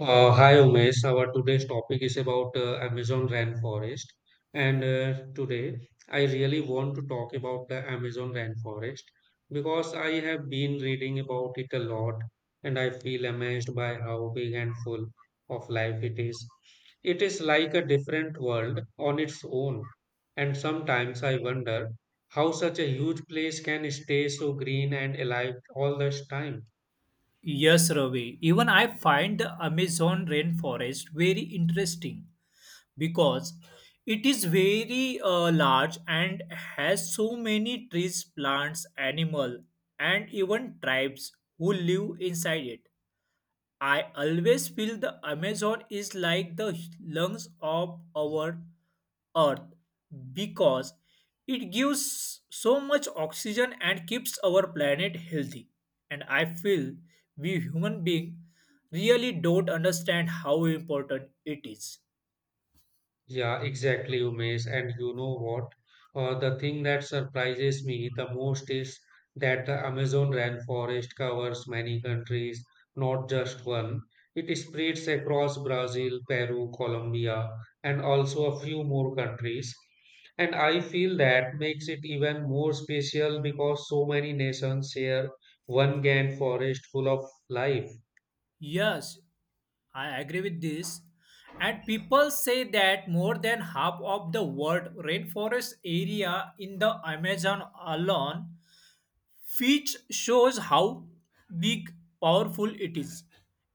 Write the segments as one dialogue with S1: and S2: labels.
S1: Hi Umesh, our today's topic is about Amazon rainforest. And today I really want to talk about the Amazon rainforest because I have been reading about it a lot and I feel amazed by how big and full of life it is. It is like a different world on its own. And sometimes I wonder how such a huge place can stay so green and alive all this time.
S2: Yes, Ravi. Even I find the Amazon rainforest very interesting because it is very large and has so many trees, plants, animal, and even tribes who live inside it. I always feel the Amazon is like the lungs of our earth because it gives so much oxygen and keeps our planet healthy. And I feel we human beings really don't understand how important it is.
S1: Yeah, exactly, Umesh. And you know what? The thing that surprises me the most is that the Amazon rainforest covers many countries, not just one. It spreads across Brazil, Peru, Colombia, and also a few more countries. And I feel that makes it even more special because so many nations share one grand forest full of life.
S2: Yes, I agree with this. And people say that more than half of the world rainforest area in the Amazon alone, which shows how big, powerful it is.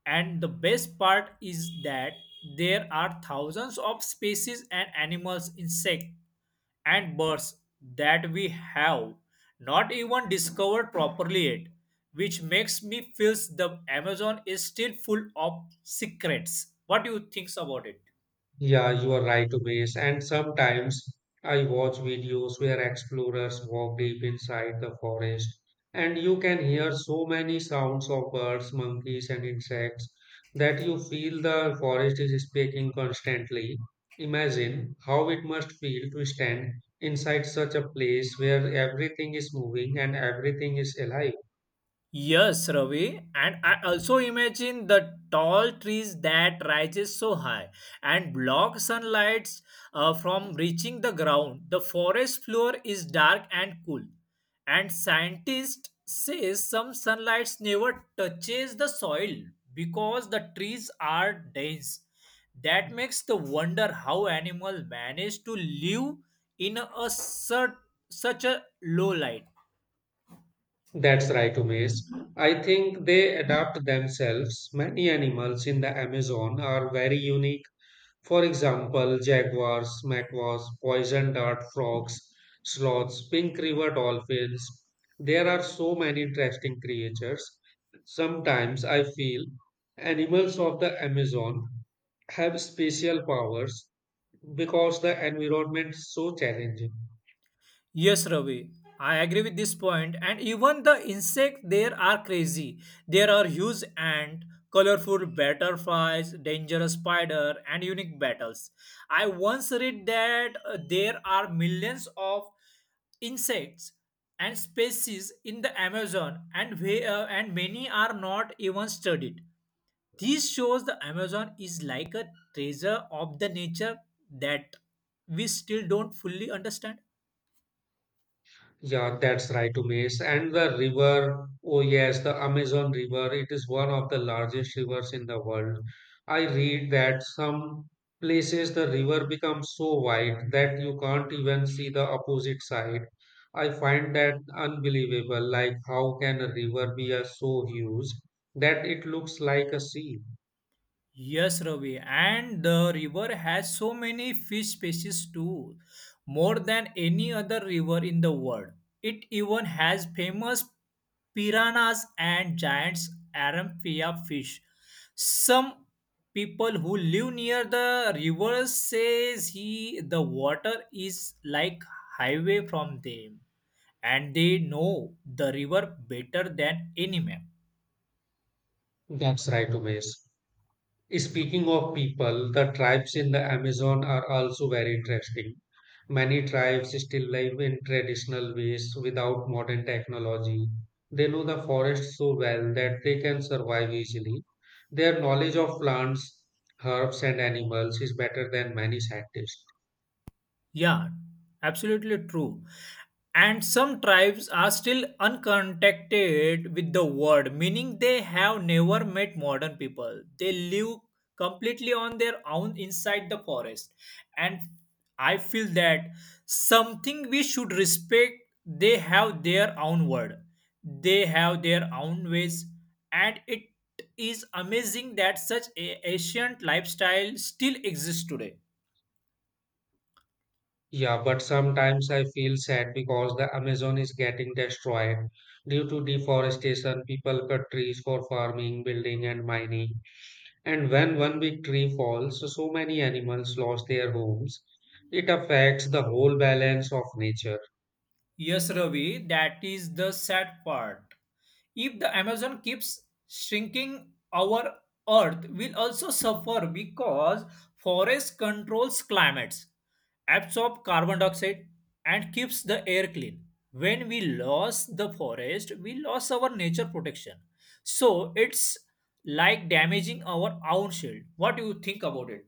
S2: And the best part is that there are thousands of species and animals, insects, and birds that we have not even discovered properly yet, which makes me feel the Amazon is still full of secrets. What do you think about it?
S1: Yeah, you are right, Umesh. And sometimes I watch videos where explorers walk deep inside the forest, and you can hear so many sounds of birds, monkeys, and insects that you feel the forest is speaking constantly. Imagine how it must feel to stand inside such a place where everything is moving and everything is alive.
S2: Yes, Ravi, and I also imagine the tall trees that rises so high and block sunlight from reaching the ground. The forest floor is dark and cool, and scientists says some sunlight never touches the soil because the trees are dense. That makes the wonder how animal manage to live in a such a low light.
S1: That's right, Umesh. I think they adapt themselves. Many animals in the Amazon are very unique. For example, jaguars, macaws, poison dart frogs, sloths, pink river dolphins. There are so many interesting creatures. Sometimes I feel animals of the Amazon have special powers because the environment is so challenging.
S2: Yes, Ravi. I agree with this point, and even the insects there are crazy. There are huge ant, colorful butterflies, dangerous spider, and unique battles. I once read that there are millions of insects and species in the Amazon, and and many are not even studied. This shows the Amazon is like a treasure of the nature that we still don't fully understand.
S1: Yeah, that's right, Umesh. And the river, oh yes, the Amazon River, it is one of the largest rivers in the world. I read that some places the river becomes so wide that you can't even see the opposite side. I find that unbelievable. Like, how can a river be so huge that it looks like a sea?
S2: Yes, Ravi, and the river has so many fish species too, more than any other river in the world. It even has famous piranhas and giants arampia fish. Some people who live near the river says he the water is like highway from them, and they know the river better than any map.
S1: That's right, Umesh. Speaking of people, the tribes in the Amazon are also very interesting. Many tribes still live in traditional ways without modern technology. They know the forest so well that they can survive easily. Their knowledge of plants, herbs, and animals is better than many scientists.
S2: Yeah, absolutely true. And some tribes are still uncontacted with the world, meaning they have never met modern people. They live completely on their own inside the forest. And I feel that something we should respect. They have their own word, they have their own ways, and it is amazing that such a ancient lifestyle still exists today.
S1: Yeah, but sometimes I feel sad because the Amazon is getting destroyed. Due to deforestation, people cut trees for farming, building, and mining. And when one big tree falls, so many animals lost their homes. It affects the whole balance of nature.
S2: Yes, Ravi, that is the sad part. If the Amazon keeps shrinking, our Earth will also suffer because forest controls climates, absorb carbon dioxide, and keeps the air clean. When we lost the forest, we lost our nature protection. So it's like damaging our own shield. What do you think about it?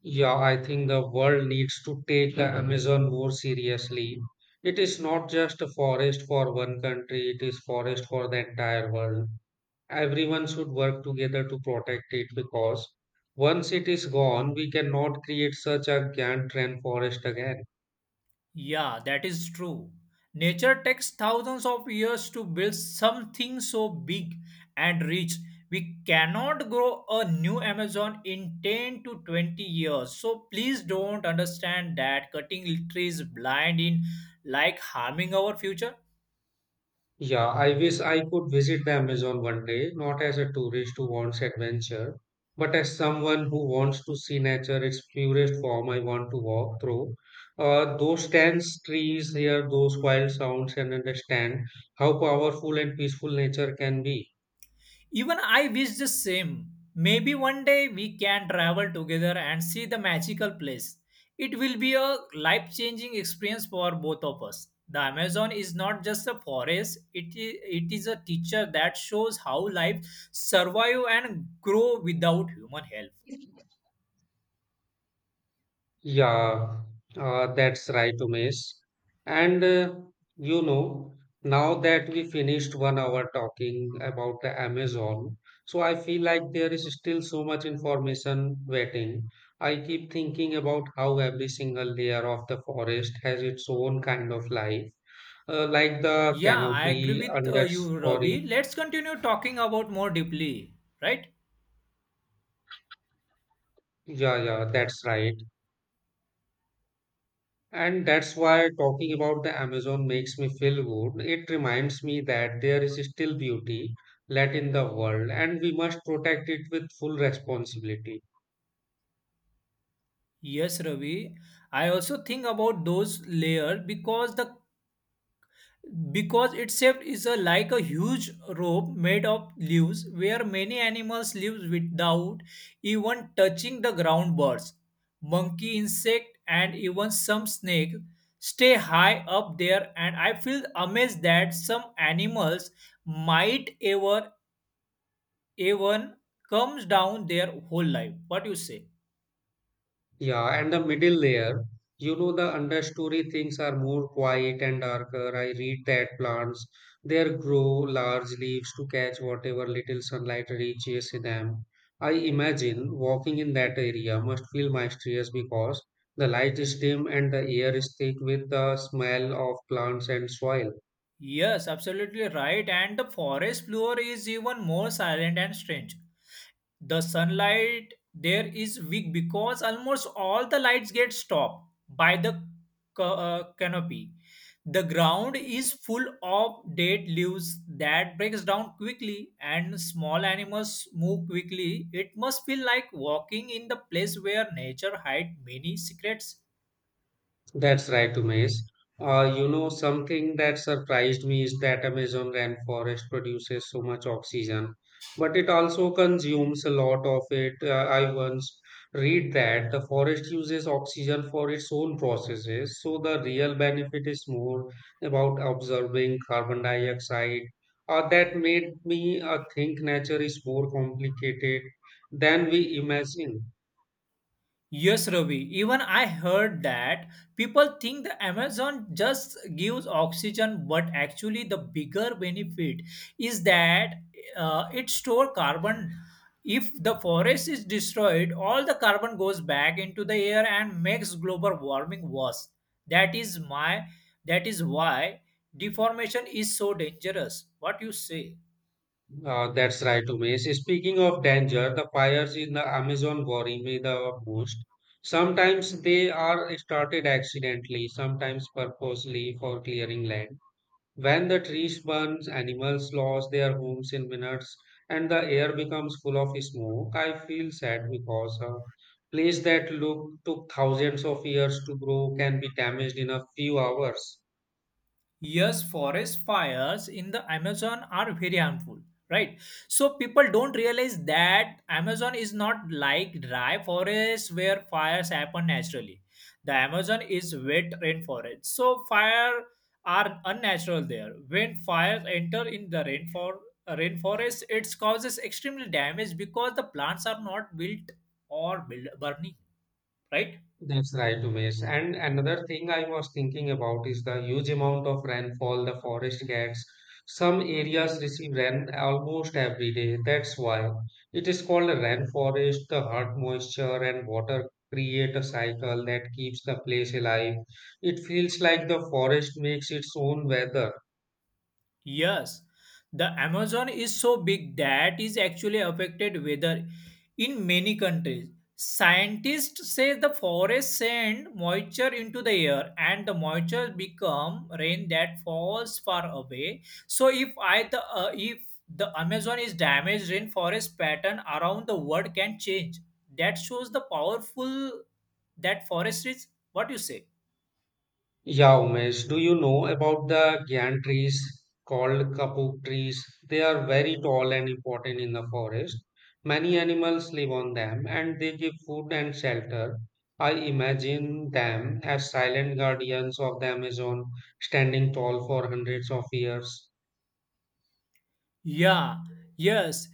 S1: Yeah, I think the world needs to take the Amazon more seriously. It is not just a forest for one country, it is forest for the entire world. Everyone should work together to protect it because once it is gone, we cannot create such a giant rainforest again.
S2: Yeah, that is true. Nature takes thousands of years to build something so big and rich. We cannot grow a new Amazon in 10 to 20 years. So please don't understand that cutting trees blind in like harming our future.
S1: Yeah, I wish I could visit the Amazon one day, not as a tourist who wants adventure, but as someone who wants to see nature, its purest form. I want to walk through those dense trees, hear those wild sounds, and understand how powerful and peaceful nature can be.
S2: Even I wish the same. Maybe one day we can travel together and see the magical place. It will be a life changing experience for both of us. The Amazon is not just a forest, it is a teacher that shows how life survive and grow without human help.
S1: Yeah, that's right, Umesh. And you know, now that we finished one hour talking about the Amazon, so I feel like there is still so much information waiting. I keep thinking about how every single layer of the forest has its own kind of life, like the
S2: Yeah, I agree
S1: canopy,
S2: with you,
S1: understory.
S2: Ravi. Let's continue talking about more deeply, right?
S1: Yeah, that's right. And that's why talking about the Amazon makes me feel good. It reminds me that there is still beauty left in the world and we must protect it with full responsibility.
S2: Yes, Ravi. I also think about those layers because itself like a huge rope made of leaves where many animals live without even touching the ground, birds, monkey, insect, and even some snake stay high up there. And I feel amazed that some animals might ever even comes down their whole life. What you say?
S1: Yeah, and the middle layer, you know, the understory things are more quiet and darker. I read that plants there grow large leaves to catch whatever little sunlight reaches them. I imagine walking in that area must feel mysterious because the light is dim and the air is thick with the smell of plants and soil.
S2: Yes, absolutely right. And the forest floor is even more silent and strange. The sunlight there is weak because almost all the lights get stopped by the canopy. The ground is full of dead leaves that breaks down quickly, and small animals move quickly. It must feel like walking in the place where nature hides many secrets.
S1: That's right, Umesh. You know, something that surprised me is that Amazon rainforest produces so much oxygen, but it also consumes a lot of it. I once read that the forest uses oxygen for its own processes, so the real benefit is more about absorbing carbon dioxide. That made me think nature is more complicated than we imagine.
S2: Yes, Ravi. Even I heard that people think the Amazon just gives oxygen, but actually, the bigger benefit is that it store carbon. If the forest is destroyed, all the carbon goes back into the air and makes global warming worse. That is my. That is why deformation is so dangerous. What you say?
S1: That's right, Umesh. Speaking of danger, the fires in the Amazon worry me the most. Sometimes they are started accidentally, sometimes purposely for clearing land. When the trees burn, animals lose their homes in minutes, and the air becomes full of smoke. I feel sad because a place that look, took thousands of years to grow can be damaged in a few hours.
S2: Yes, forest fires in the Amazon are very harmful, right? So people don't realize that Amazon is not like dry forest where fires happen naturally. The Amazon is wet rainforest. So fire are unnatural there. When fires enter in the rainforest, it causes extremely damage because the plants are not built or burning, right?
S1: That's right, Umesh. And another thing I was thinking about is the huge amount of rainfall the forest gets. Some areas receive rain almost every day. That's why it is called a rainforest. The hot moisture and water create a cycle that keeps the place alive. It feels like the forest makes its own weather.
S2: Yes, the Amazon is so big that is actually affected weather in many countries. Scientists say the forests send moisture into the air and the moisture become rain that falls far away. So if the Amazon is damaged, rainforest pattern around the world can change. That shows the powerful that forest is. What you say?
S1: Yeah, Umesh, do you know about the gyan trees called kapuk trees? They are very tall and important in the forest. Many animals live on them and they give food and shelter. I imagine them as silent guardians of the Amazon, standing tall for hundreds of years.
S2: Yeah, yes,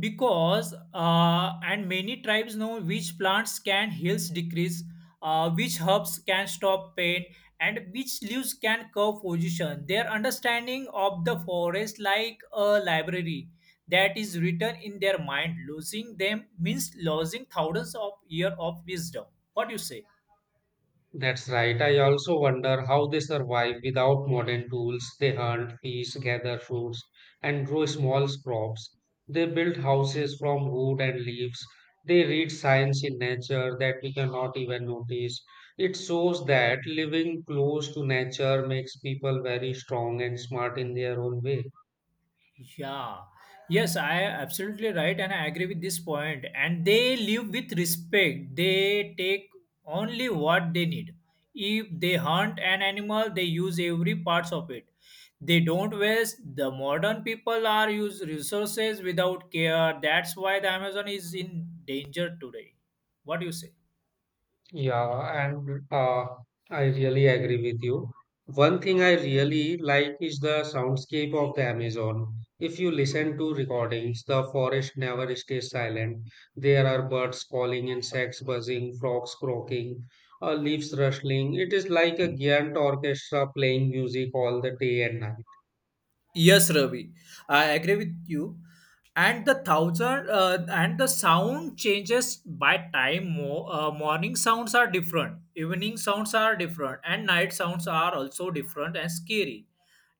S2: because and many tribes know which plants can heals decrease, which herbs can stop pain, and which leaves can curve position. Their understanding of the forest like a library that is written in their mind. Losing them means losing thousands of years of wisdom. What do you say?
S1: That's right. I also wonder how they survive without modern tools. They hunt, fish, gather fruits, and grow small crops. They build houses from wood and leaves. They read signs in nature that we cannot even notice. It shows that living close to nature makes people very strong and smart in their own way.
S2: Yeah, yes, I am absolutely right, and I agree with this point. And they live with respect, they take only what they need. If they hunt an animal, they use every parts of it. They don't waste. The modern people are use resources without care. That's why the Amazon is in danger today. What do you say?
S1: Yeah, and I really agree with you. One thing I really like is the soundscape of the Amazon. If you listen to recordings, the forest never stays silent. There are birds calling, insects buzzing, frogs croaking, leaves rustling. It is like a giant orchestra playing music all the day and night.
S2: Yes, Ravi, I agree with you. And the thousand and the sound changes by time. Morning sounds are different, evening sounds are different, and night sounds are also different and scary.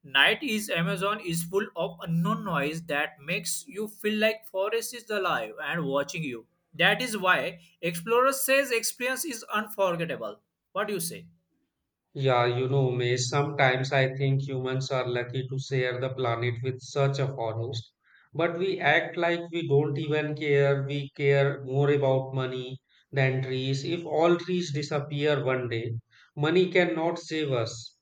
S2: Night is Amazon is full of unknown noise that makes you feel like forest is alive and watching you. That is why Explorer says experience is unforgettable. What do you say?
S1: Yeah, you know, May, sometimes I think humans are lucky to share the planet with such a forest. But we act like we don't even care. We care more about money than trees. If all trees disappear one day, money cannot save us.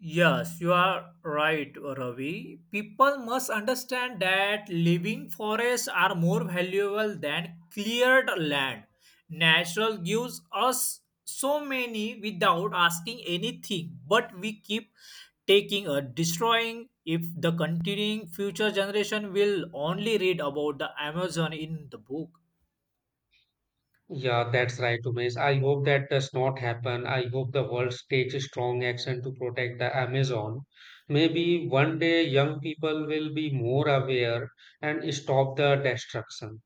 S2: Yes, you are right, Ravi. People must understand that living forests are more valuable than cleared land. Natural gives us so many without asking anything, but we keep taking or destroying. If the continuing future generation will only read about the Amazon in the book,
S1: Yeah, that's right, Umesh. I hope that does not happen. I hope the world takes strong action to protect the Amazon. Maybe one day young people will be more aware and stop the destruction.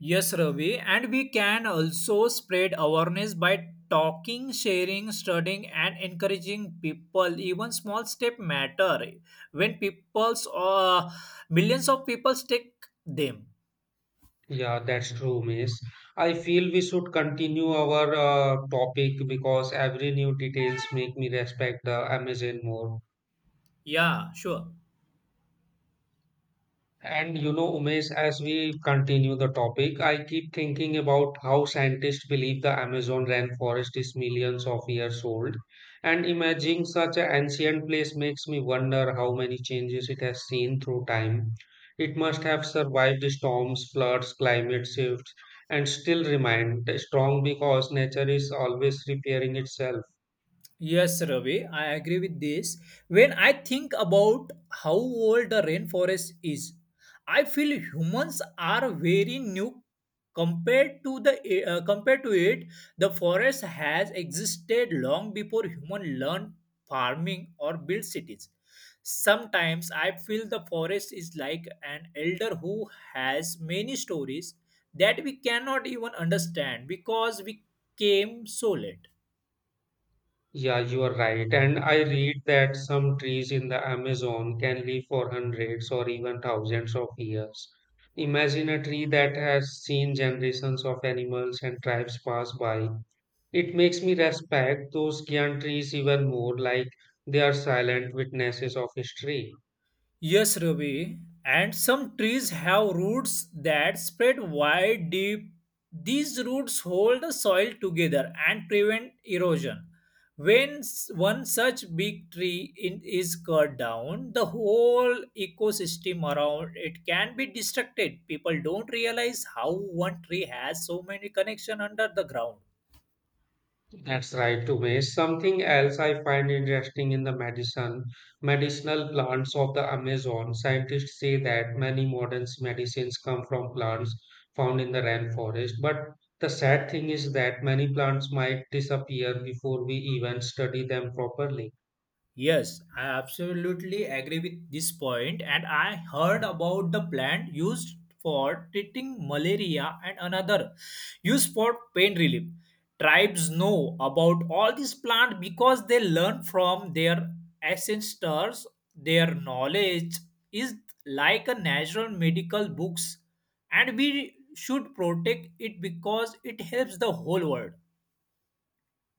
S2: Yes, Ravi, and we can also spread awareness by talking, sharing, studying, and encouraging people. Even small step matter when people's millions of people take them.
S1: Yeah, that's true, Miss. I feel we should continue our topic because every new details make me respect the Amazon more.
S2: Yeah, sure.
S1: And you know, Umesh, as we continue the topic, I keep thinking about how scientists believe the Amazon rainforest is millions of years old. And imagining such an ancient place makes me wonder how many changes it has seen through time. It must have survived storms, floods, climate shifts, and still remained strong because nature is always repairing itself.
S2: Yes, Ravi, I agree with this. When I think about how old the rainforest is, I feel humans are very new compared to it. The forest has existed long before human learned farming or built cities. Sometimes I feel the forest is like an elder who has many stories that we cannot even understand because we came so late.
S1: Yeah, you are right. And I read that some trees in the Amazon can live for hundreds or even thousands of years. Imagine a tree that has seen generations of animals and tribes pass by. It makes me respect those giant trees even more, like they are silent witnesses of history.
S2: Yes, Ravi, and some trees have roots that spread wide deep. These roots hold the soil together and prevent erosion. When one such big tree is cut down, the whole ecosystem around it can be destructed. People don't realize how one tree has so many connections under the ground.
S1: That's right, Umesh. Something else I find interesting in the medicinal plants of the Amazon. Scientists say that many modern medicines come from plants found in the rainforest. But the sad thing is that many plants might disappear before we even study them properly.
S2: Yes, I absolutely agree with this point, and I heard about the plant used for treating malaria and another used for pain relief. Tribes know about all these plants because they learn from their ancestors. Their knowledge is like a natural medical books, and we should protect it because it helps the whole world.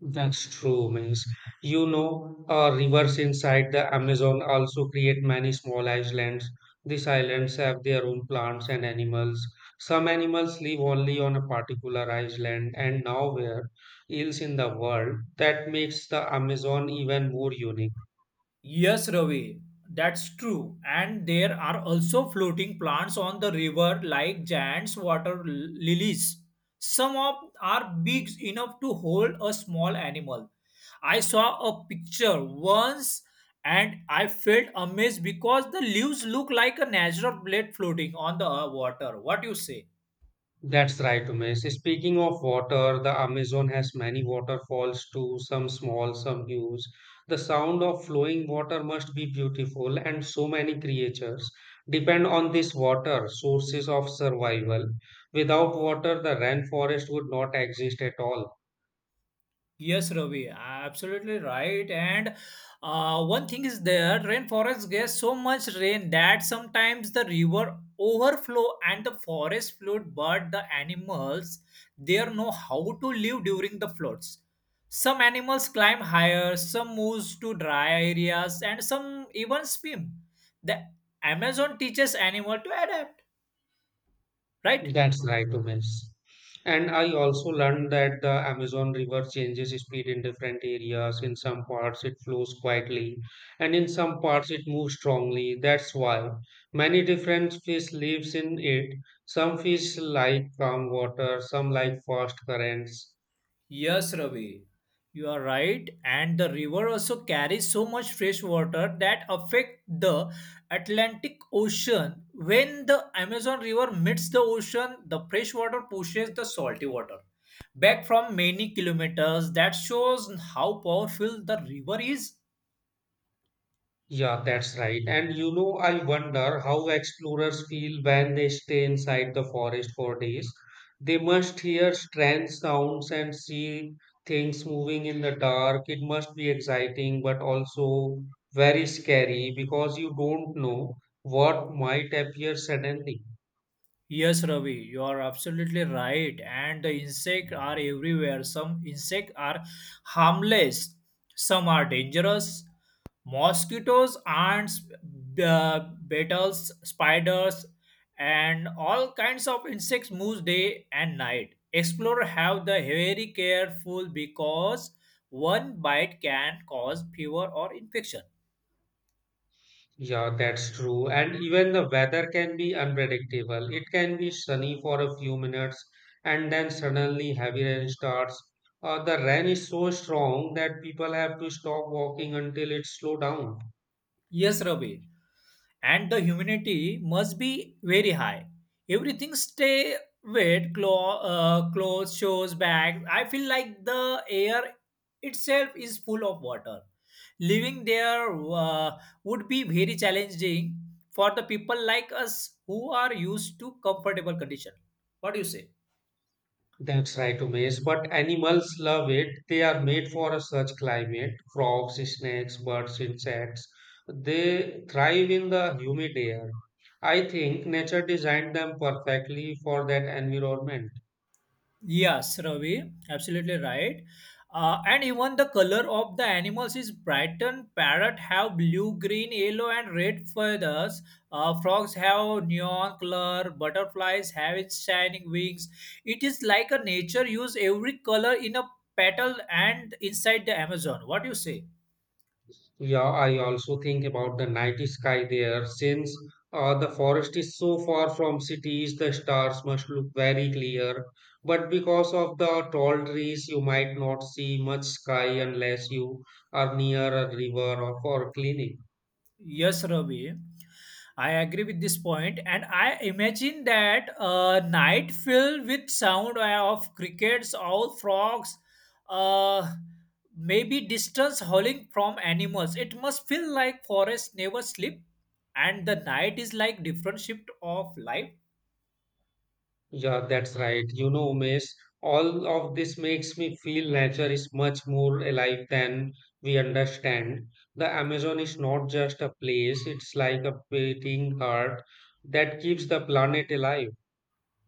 S1: That's true, means you know, rivers inside the Amazon also create many small islands. These islands have their own plants and animals. Some animals live only on a particular island and nowhere else in the world. That makes the Amazon even more unique.
S2: Yes, Ravi, that's true. And there are also floating plants on the river like giant water lilies. Some of are big enough to hold a small animal. I saw a picture once and I felt amazed because the leaves look like a natural blade floating on the water. What you say?
S1: That's right, Umesh. Speaking of water, the Amazon has many waterfalls too, some small, some huge. The sound of flowing water must be beautiful, and so many creatures depend on this water, sources of survival. Without water, the rainforest would not exist at all.
S2: Yes, Ravi, absolutely right. And one thing is there, rainforests get so much rain that sometimes the river overflow and the forest flood, but the animals they know how to live during the floods. Some animals climb higher, some moves to dry areas, and some even swim. The Amazon teaches animal to adapt, right?
S1: That's right, Umesh. And I also learned that the Amazon River changes speed in different areas. In some parts, it flows quietly, and in some parts, it moves strongly. That's why many different fish lives in it. Some fish like calm water, some like fast currents.
S2: Yes, Ravi, you are right. And the river also carries so much fresh water that affect the Atlantic Ocean. When the Amazon River meets the ocean, the fresh water pushes the salty water back from many kilometers. That shows how powerful the river is.
S1: Yeah, that's right. And you know, I wonder how explorers feel when they stay inside the forest for days. They must hear strange sounds and see things moving in the dark. It must be exciting, but also very scary because you don't know what might appear suddenly.
S2: Yes, Ravi, you are absolutely right. And the insects are everywhere. Some insects are harmless, some are dangerous. Mosquitoes, ants, beetles, spiders, and all kinds of insects move day and night. Explorers have the very careful because one bite can cause fever or infection.
S1: Yeah, that's true. And even the weather can be unpredictable. It can be sunny for a few minutes and then suddenly heavy rain starts. The rain is so strong that people have to stop walking until it slows down.
S2: Yes, Ravi. And the humidity must be very high. Everything stay wet, clothes, shoes, bags. I feel like the air itself is full of water. Living there would be very challenging for the people like us who are used to comfortable condition. What do you say?
S1: That's right, Umesh. But animals love it. They are made for a such climate. Frogs, snakes, birds, insects. They thrive in the humid air. I think nature designed them perfectly for that environment.
S2: Yes, Ravi, absolutely right. And even the color of the animals is brighten. Parrot have blue, green, yellow, and red feathers. Frogs have neon color. Butterflies have its shining wings. It is like a nature use every color in a petal and inside the Amazon. What do you say?
S1: Yeah, I also think about the night sky there. Since the forest is so far from cities, the stars must look very clear. But because of the tall trees, you might not see much sky unless you are near a river or clinic.
S2: Yes, Ravi. I agree with this point, and I imagine that a night filled with sound of crickets, owl, frogs, uh, maybe distance howling from animals. It must feel like forests never sleep, and the night is like different shift of life.
S1: Yeah, that's right. You know, Umesh, all of this makes me feel nature is much more alive than we understand. The Amazon is not just a place, it's like a beating heart that keeps the planet alive.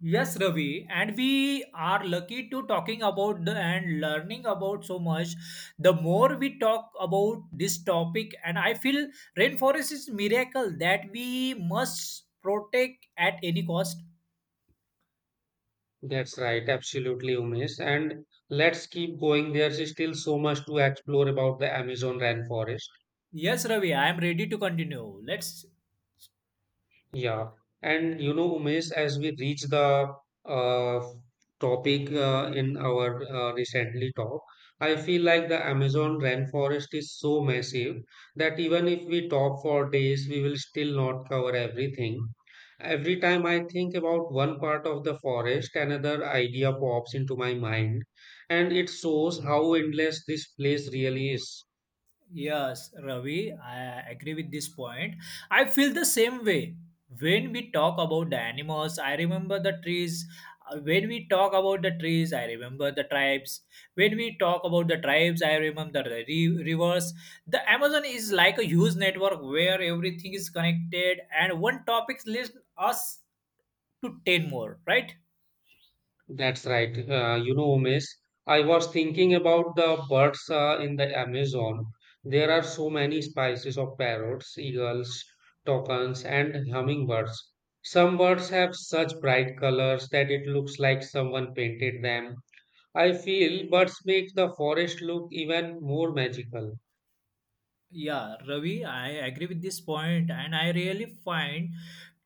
S2: Yes, Ravi, and we are lucky to talking about the and learning about so much. The more we talk about this topic, and I feel rainforest is miracle that we must protect at any cost.
S1: That's right, absolutely, Umesh. And let's keep going. There's still so much to explore about the Amazon rainforest.
S2: Yes, Ravi, I am ready to continue. Let's.
S1: Yeah, and you know, Umesh, as we reach the uh, topic in our recently talk, I feel like the Amazon rainforest is so massive that even if we talk for days, we will still not cover everything. Every time I think about one part of the forest, another idea pops into my mind, and it shows how endless this place really is.
S2: Yes, Ravi, I agree with this point. I feel the same way. When we talk about the animals, I remember the trees. When we talk about the trees, I remember the tribes. When we talk about the tribes, I remember the rivers. The Amazon is like a huge network where everything is connected, and one topic leads us to 10 more, right?
S1: That's right. You know, Umesh, I was thinking about the birds in the Amazon. There are so many species of parrots, eagles, toucans, and hummingbirds. Some birds have such bright colors that it looks like someone painted them. I feel birds make the forest look even more magical.
S2: Yeah, Ravi, I agree with this point, and I really find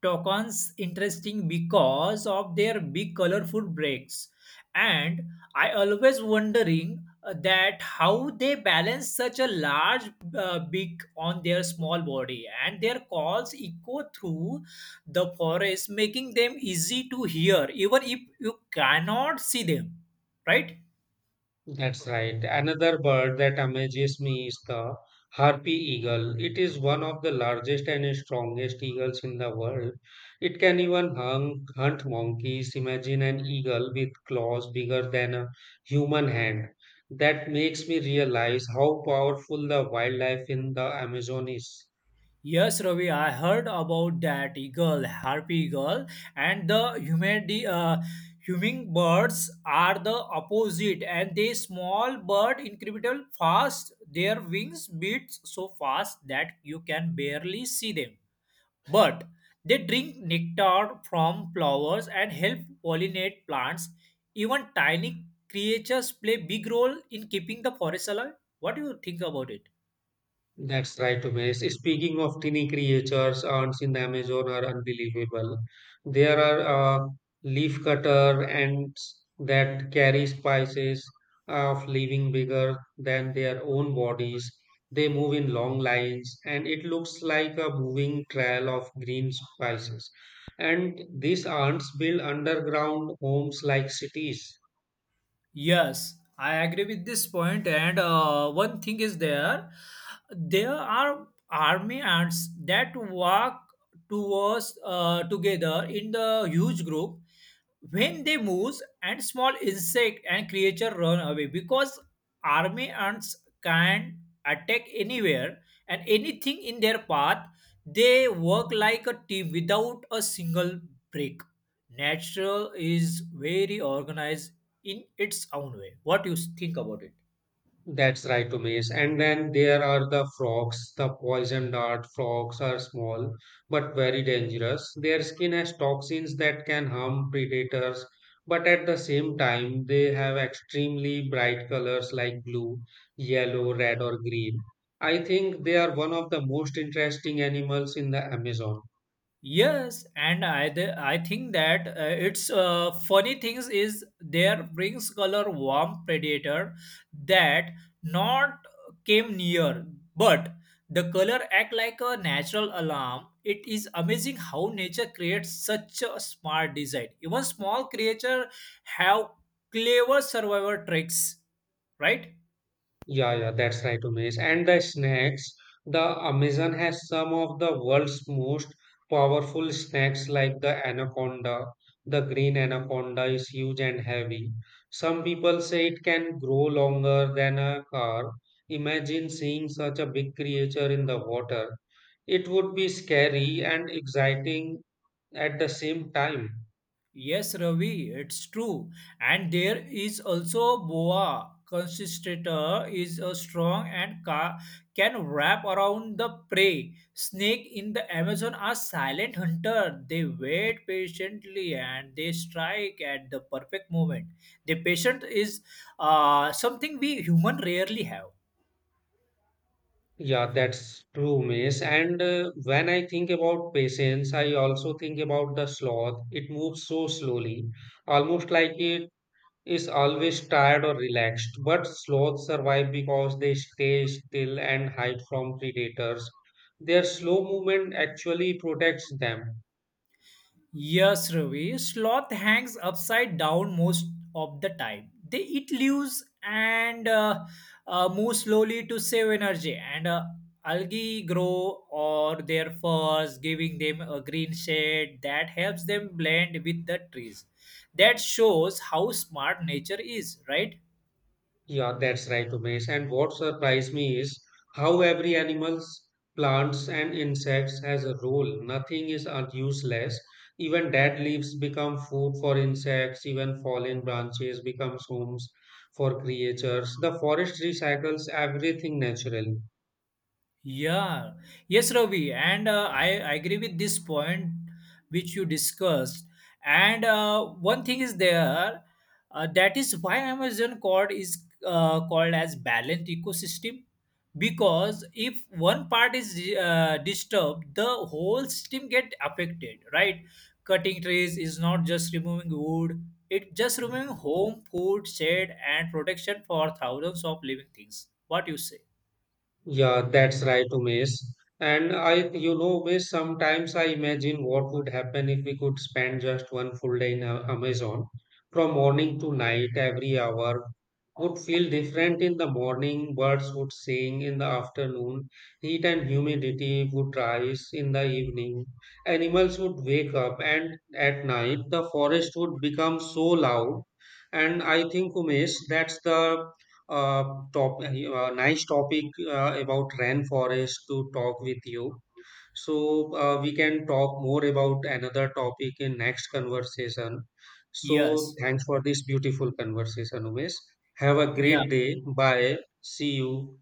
S2: Tokens interesting because of their big colorful breaks and I always wondering that how they balance such a large beak on their small body and their calls echo through the forest making them easy to hear even if you cannot see them, right?
S1: That's right. Another bird that amazes me is the harpy eagle. It is one of the largest and strongest eagles in the world. It can even hunt monkeys. Imagine an eagle with claws bigger than a human hand. That makes me realize how powerful the wildlife in the Amazon is.
S2: Yes, Ravi, I heard about that eagle, harpy eagle, and the hummingbirds are the opposite, and they small bird incredible fast. Their wings beat so fast that you can barely see them. But they drink nectar from flowers and help pollinate plants. Even tiny creatures play big role in keeping the forest alive. What do you think about it?
S1: That's right, Umesh. Speaking of tiny creatures, ants in the Amazon are unbelievable. There are leaf cutter ants that carry spices of living bigger than their own bodies. They move in long lines, and it looks like a moving trail of green spices. And these ants build underground homes like cities.
S2: Yes, I agree with this point. And one thing is there, there are army ants that walk towards together in the huge group. When they move, and small insect and creature run away because army ants can attack anywhere and anything in their path. They work like a team without a single break. Natural is very organized in its own way. What you think about it?
S1: That's right, Umesh. And then there are the frogs. The poison dart frogs are small but very dangerous. Their skin has toxins that can harm predators, but at the same time, they have extremely bright colors like blue, yellow, red, or green. I think they are one of the most interesting animals in the Amazon.
S2: Yes, and I think that it's funny things is there brings color warm predator that not came near, but the color act like a natural alarm. It is amazing how nature creates such a smart design. Even small creature have clever survival tricks, right?
S1: Yeah, yeah, that's right, Umesh. And the snacks, the Amazon has some of the world's most powerful snakes like the anaconda. The green anaconda is huge and heavy. Some people say it can grow longer than a car. Imagine seeing such a big creature in the water. It would be scary and exciting at the same time.
S2: Yes, Ravi, it's true. And there is also boa constrictor is a strong and can wrap around the prey. Snake in the Amazon are silent hunter. They wait patiently and they strike at the perfect moment. The patient is something we human rarely have.
S1: Yeah, that's true, Miss. And when I think about patience, I also think about the sloth. It moves so slowly, almost like it is always tired or relaxed. But sloths survive because they stay still and hide from predators. Their slow movement actually protects them.
S2: Yes, Ravi. Sloth hangs upside down most of the time. They eat leaves and move slowly to save energy. And algae grow or their furs, giving them a green shade that helps them blend with the trees. That shows how smart nature is, right?
S1: Yeah, that's right, Umesh. And what surprised me is how every animals, plants, and insects has a role. Nothing is useless. Even dead leaves become food for insects. Even fallen branches becomes homes for creatures. The forest recycles everything naturally.
S2: Yeah, yes, Ravi, and I agree with this point which you discussed. And one thing is there that is why Amazon cord is called as balanced ecosystem because if one part is disturbed, the whole system get affected. Right, cutting trees is not just removing wood; it just removing home, food, shade, and protection for thousands of living things. What you say?
S1: Yeah, that's right, Umesh. And I, you know, Umesh, sometimes I imagine what would happen if we could spend just one full day in Amazon from morning to night, every hour would feel different in the morning, birds would sing in the afternoon, heat and humidity would rise in the evening, animals would wake up, and at night the forest would become so loud. And I think, Umesh, that's the uh, nice topic about rainforest to talk with you. So we can talk more about another topic in next conversation. So
S2: Yes.
S1: thanks for this beautiful conversation, Umesh. Have a
S2: Yeah.
S1: great day. Bye. See you.